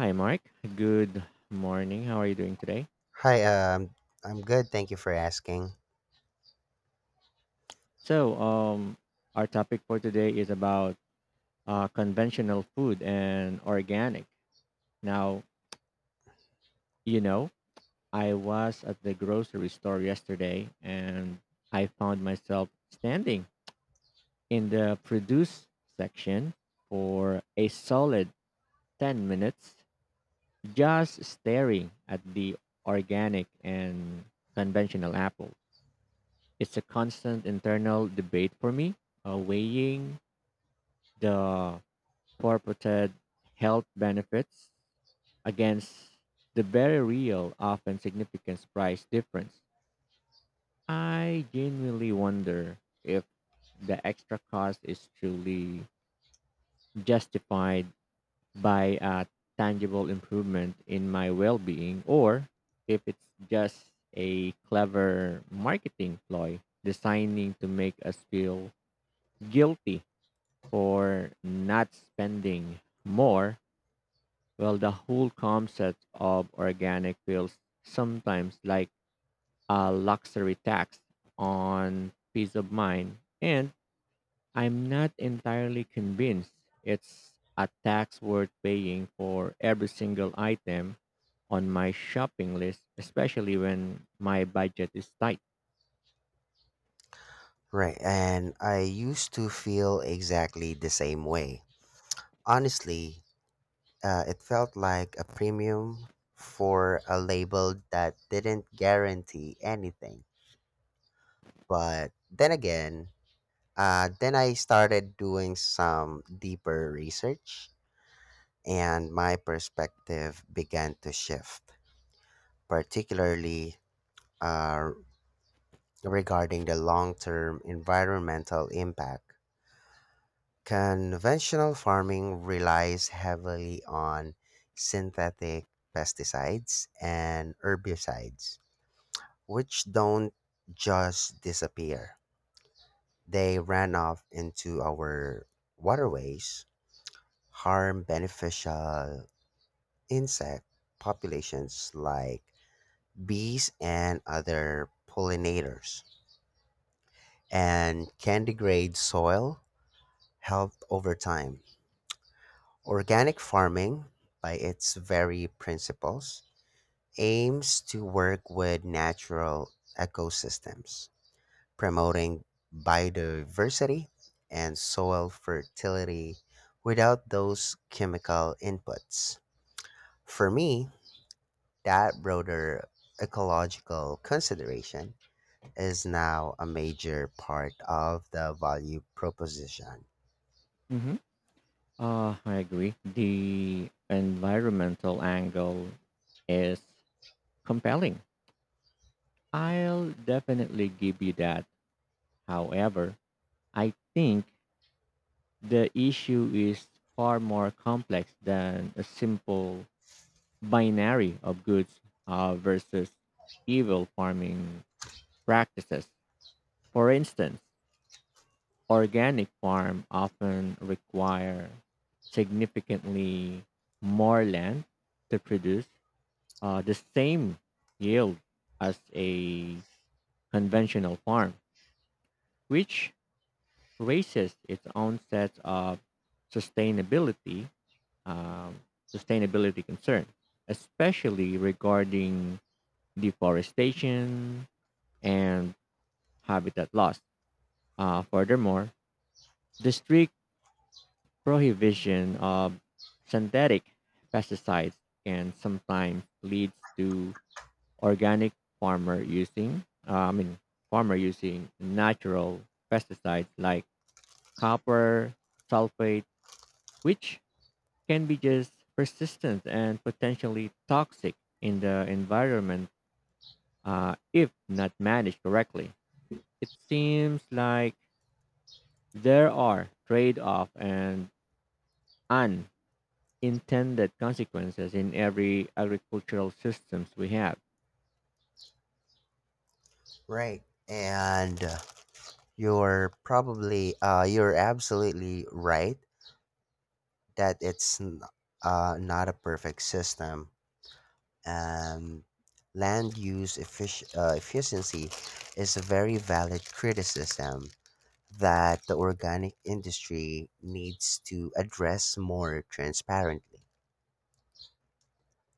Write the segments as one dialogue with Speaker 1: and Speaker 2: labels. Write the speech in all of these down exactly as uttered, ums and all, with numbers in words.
Speaker 1: Hi, Mark. Good morning. How are you doing today?
Speaker 2: Hi, um, I'm good. Thank you for asking.
Speaker 1: So, um, our topic for today is about uh, conventional food and organic. Now, you know, I was at the grocery store yesterday and I found myself standing in the produce section for a solid ten minutes just staring at the organic and conventional apples. It's a constant internal debate for me, uh, weighing the purported health benefits against the very real, often significant price difference. I genuinely wonder if the extra cost is truly justified by a tangible improvement in my well being, or if it's just a clever marketing ploy designing to make us feel guilty for not spending more. Well, the whole concept of organic feels sometimes like a luxury tax on peace of mind. And I'm not entirely convinced it's a tax worth paying for every single item on my shopping list, especially when my budget is tight.
Speaker 2: Right, and I used to feel exactly the same way. Honestly, uh, it felt like a premium for a label that didn't guarantee anything. But then again, uh, then I started doing some deeper research, and my perspective began to shift, particularly uh, regarding the long term environmental impact. Conventional farming relies heavily on synthetic pesticides and herbicides, which don't just disappear. They ran off into our waterways, harm beneficial insect populations like bees and other pollinators, and can degrade soil health over time. Organic farming, by its very principles, aims to work with natural ecosystems, promoting biodiversity and soil fertility without those chemical inputs. For me, that broader ecological consideration is now a major part of the value proposition.
Speaker 1: hmm Uh, I agree. The environmental angle is compelling, I'll definitely give you that. However, I think the issue is far more complex than a simple binary of goods uh, versus evil farming practices. For instance, organic farm often require significantly more land to produce uh, the same yield as a conventional farm, which raises its own sets of sustainability um, sustainability concern, especially regarding deforestation and habitat loss. Uh, furthermore, the strict prohibition of synthetic pesticides can sometimes lead to organic farmer using, uh, I mean, farmer using natural pesticides like copper sulfate, which can be just persistent and potentially toxic in the environment, uh, if not managed correctly. It seems like there are trade off and unintended consequences in every agricultural systems we have.
Speaker 2: Right. And uh, You're probably uh, you're absolutely right that it's n- uh, not a perfect system. Um, Land use effic- uh, efficiency is a very valid criticism that the organic industry needs to address more transparently.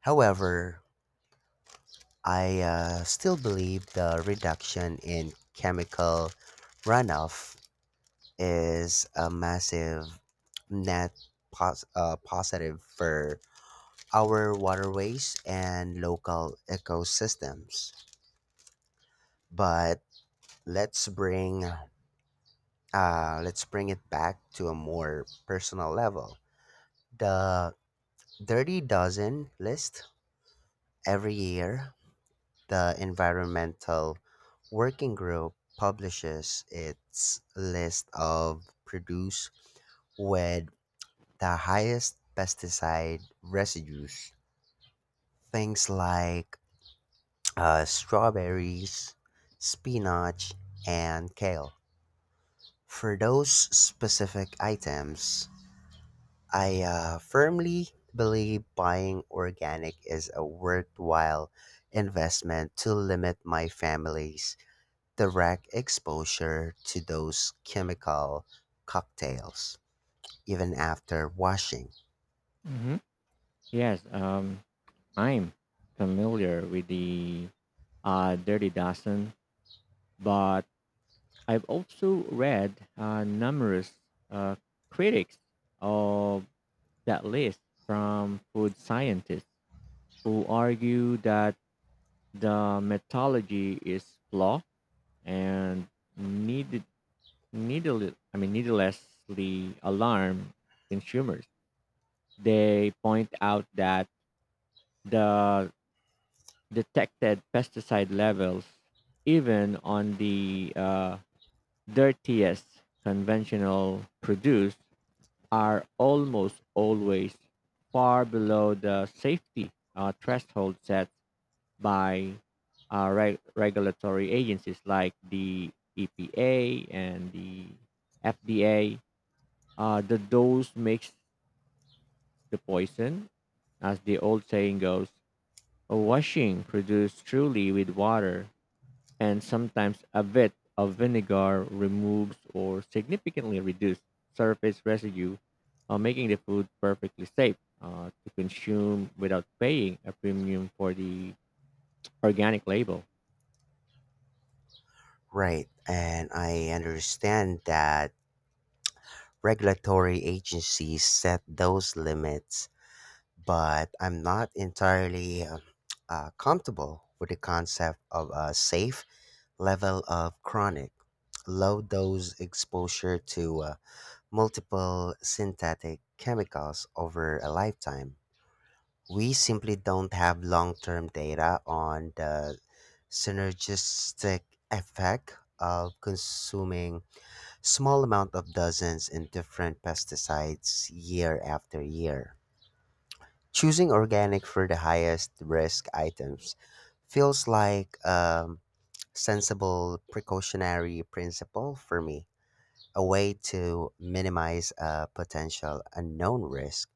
Speaker 2: However, I uh, still believe the reduction in chemical runoff is a massive net pos- uh, positive for our waterways and local ecosystems. But let's bring uh, let's bring it back to a more personal level. The Dirty Dozen list every year, the environmental working group publishes its list of produce with the highest pesticide residues. Things like uh, strawberries, spinach, and kale. For those specific items, I uh, firmly believe buying organic is a worthwhile investment to limit my family's direct exposure to those chemical cocktails, even after washing.
Speaker 1: hmm Yes, um, I'm familiar with the uh, Dirty Dozen, but I've also read uh, numerous uh, critics of that list from food scientists who argue that the methodology is flawed and needed, needle, I mean, needlessly alarm consumers. They point out that the detected pesticide levels, even on the uh, dirtiest conventional produce, are almost always far below the safety uh, threshold set by uh, reg- regulatory agencies like the E P A and the F D A. Uh, the dose makes the poison, as the old saying goes. A washing produced truly with water and sometimes a bit of vinegar removes or significantly reduces surface residue, uh, making the food perfectly safe uh, to consume without paying a premium for the organic label.
Speaker 2: Right, and I understand that regulatory agencies set those limits, but I'm not entirely uh, uh, comfortable with the concept of a safe level of chronic, low dose exposure to uh, multiple synthetic chemicals over a lifetime. We simply don't have long term data on the synergistic effect of consuming small amount of dozens in different pesticides year after year. Choosing organic for the highest risk items feels like a sensible precautionary principle for me, a way to minimize a potential unknown risk,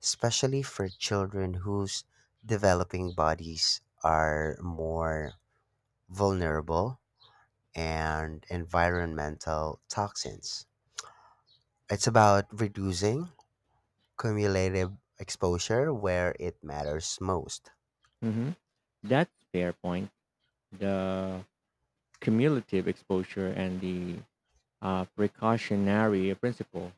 Speaker 2: especially for children whose developing bodies are more vulnerable and environmental toxins. It's about reducing cumulative exposure where it matters most.
Speaker 1: Mhm. That's fair point. The cumulative exposure and the uh, precautionary principle.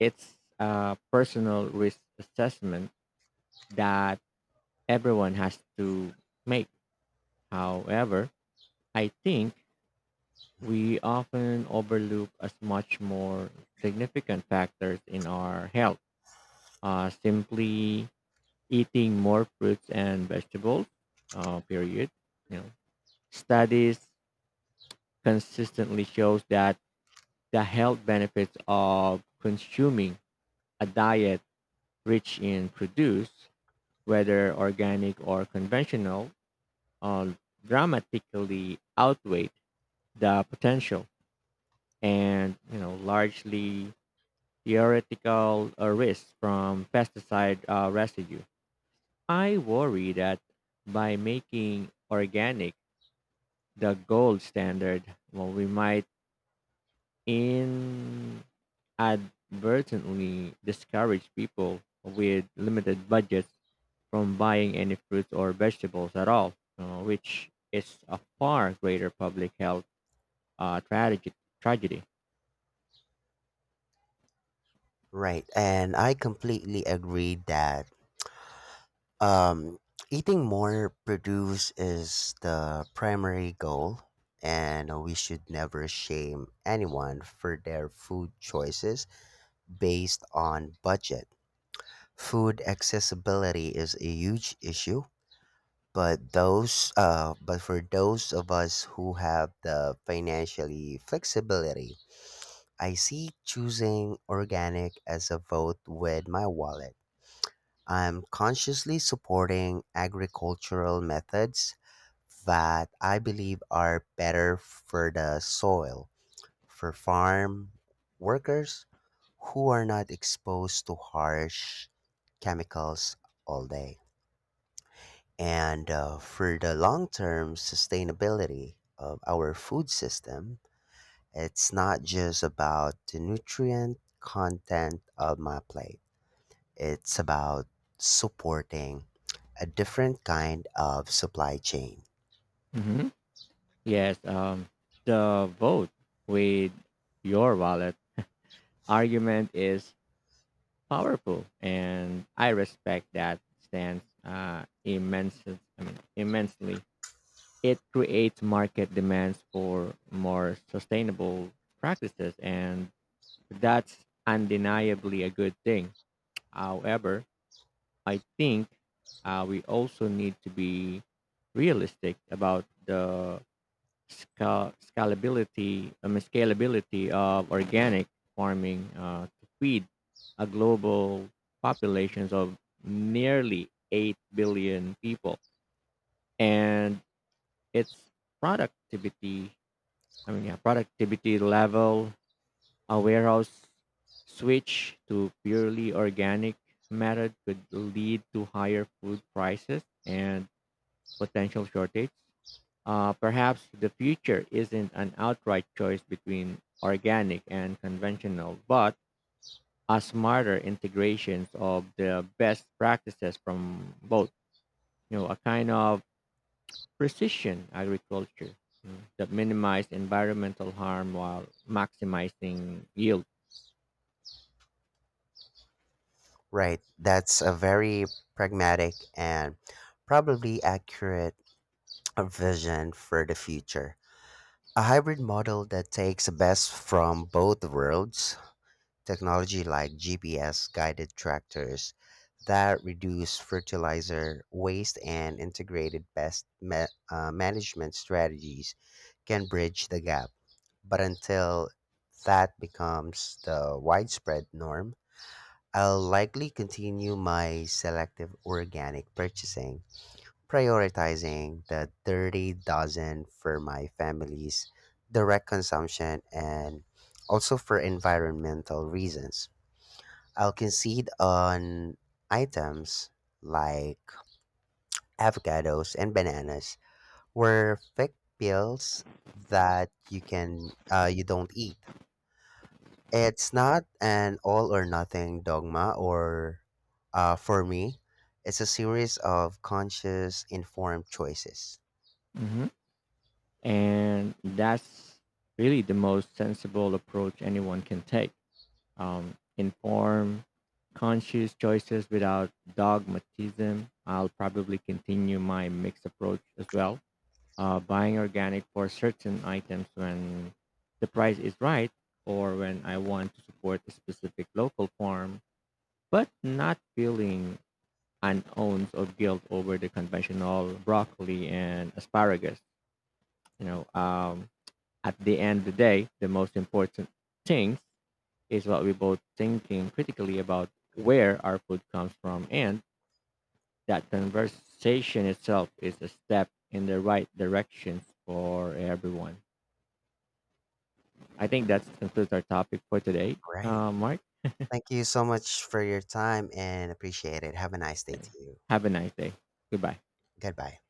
Speaker 1: It's a personal risk assessment that everyone has to make. However, I think we often overlook as much more significant factors in our health. Uh, simply eating more fruits and vegetables, uh, period. You know, studies consistently shows that the health benefits of consuming a diet rich in produce, whether organic or conventional, uh, dramatically outweigh the potential, and you know largely theoretical uh, risks from pesticide uh, residue. I worry that by making organic the gold standard, well, we might inadvertently discourage people with limited budgets from buying any fruits or vegetables at all, uh, which is a far greater public health uh, tragedy. tragedy.
Speaker 2: Right, and I completely agree that um, eating more produce is the primary goal, and we should never shame anyone for their food choices based on budget. Food accessibility is a huge issue, but those, uh, but for those of us who have the financially flexibility, I see choosing organic as a vote with my wallet. I'm consciously supporting agricultural methods that I believe are better for the soil, for farm workers who are not exposed to harsh chemicals all day, and uh, for the long term sustainability of our food system. It's not just about the nutrient content of my plate, it's about supporting a different kind of supply chain.
Speaker 1: hmm Yes, um, the vote with your wallet argument is powerful, and I respect that stance uh, immensely. I mean, immensely. It creates market demands for more sustainable practices, and that's undeniably a good thing. However, I think uh, we also need to be realistic about the scal- scalability, I mean, scalability of organic farming uh, to feed a global populations of nearly eight billion people and its productivity I mean, yeah, productivity level. A warehouse switch to purely organic method could lead to higher food prices and potential shortage. Uh, perhaps the future isn't an outright choice between organic and conventional, but a smarter integrations of the best practices from both. You know, a kind of precision agriculture, mm, that minimize environmental harm while maximizing yield.
Speaker 2: Right, that's a very pragmatic and probably accurate vision for the future. A hybrid model that takes the best from both worlds. Technology like G P S guided tractors that reduce fertilizer waste and integrated pest ma- uh, management strategies can bridge the gap. But until that becomes the widespread norm, I'll likely continue my selective organic purchasing, prioritizing the dirty dozen for my family's direct consumption and also for environmental reasons. I'll concede on items like avocados and bananas were fake pills that you can uh, you don't eat. It's not an all or nothing dogma or uh, for me, it's a series of conscious informed choices.
Speaker 1: hmm And that's really the most sensible approach anyone can take. Um, inform conscious choices without dogmatism. I'll probably continue my mixed approach as well, uh, buying organic for certain items when the price is right or when I want to support a specific local farm, but not feeling an ounce of guilt over the conventional broccoli and asparagus. You know, um, at the end of the day, the most important thing is what we both thinking critically about where our food comes from, and that conversation itself is a step in the right direction for everyone. I think that concludes our topic for today.
Speaker 2: Right.
Speaker 1: Uh, Mark,
Speaker 2: Thank you so much for your time and appreciate it. Have a nice day to you.
Speaker 1: have a nice day. Goodbye.
Speaker 2: Goodbye.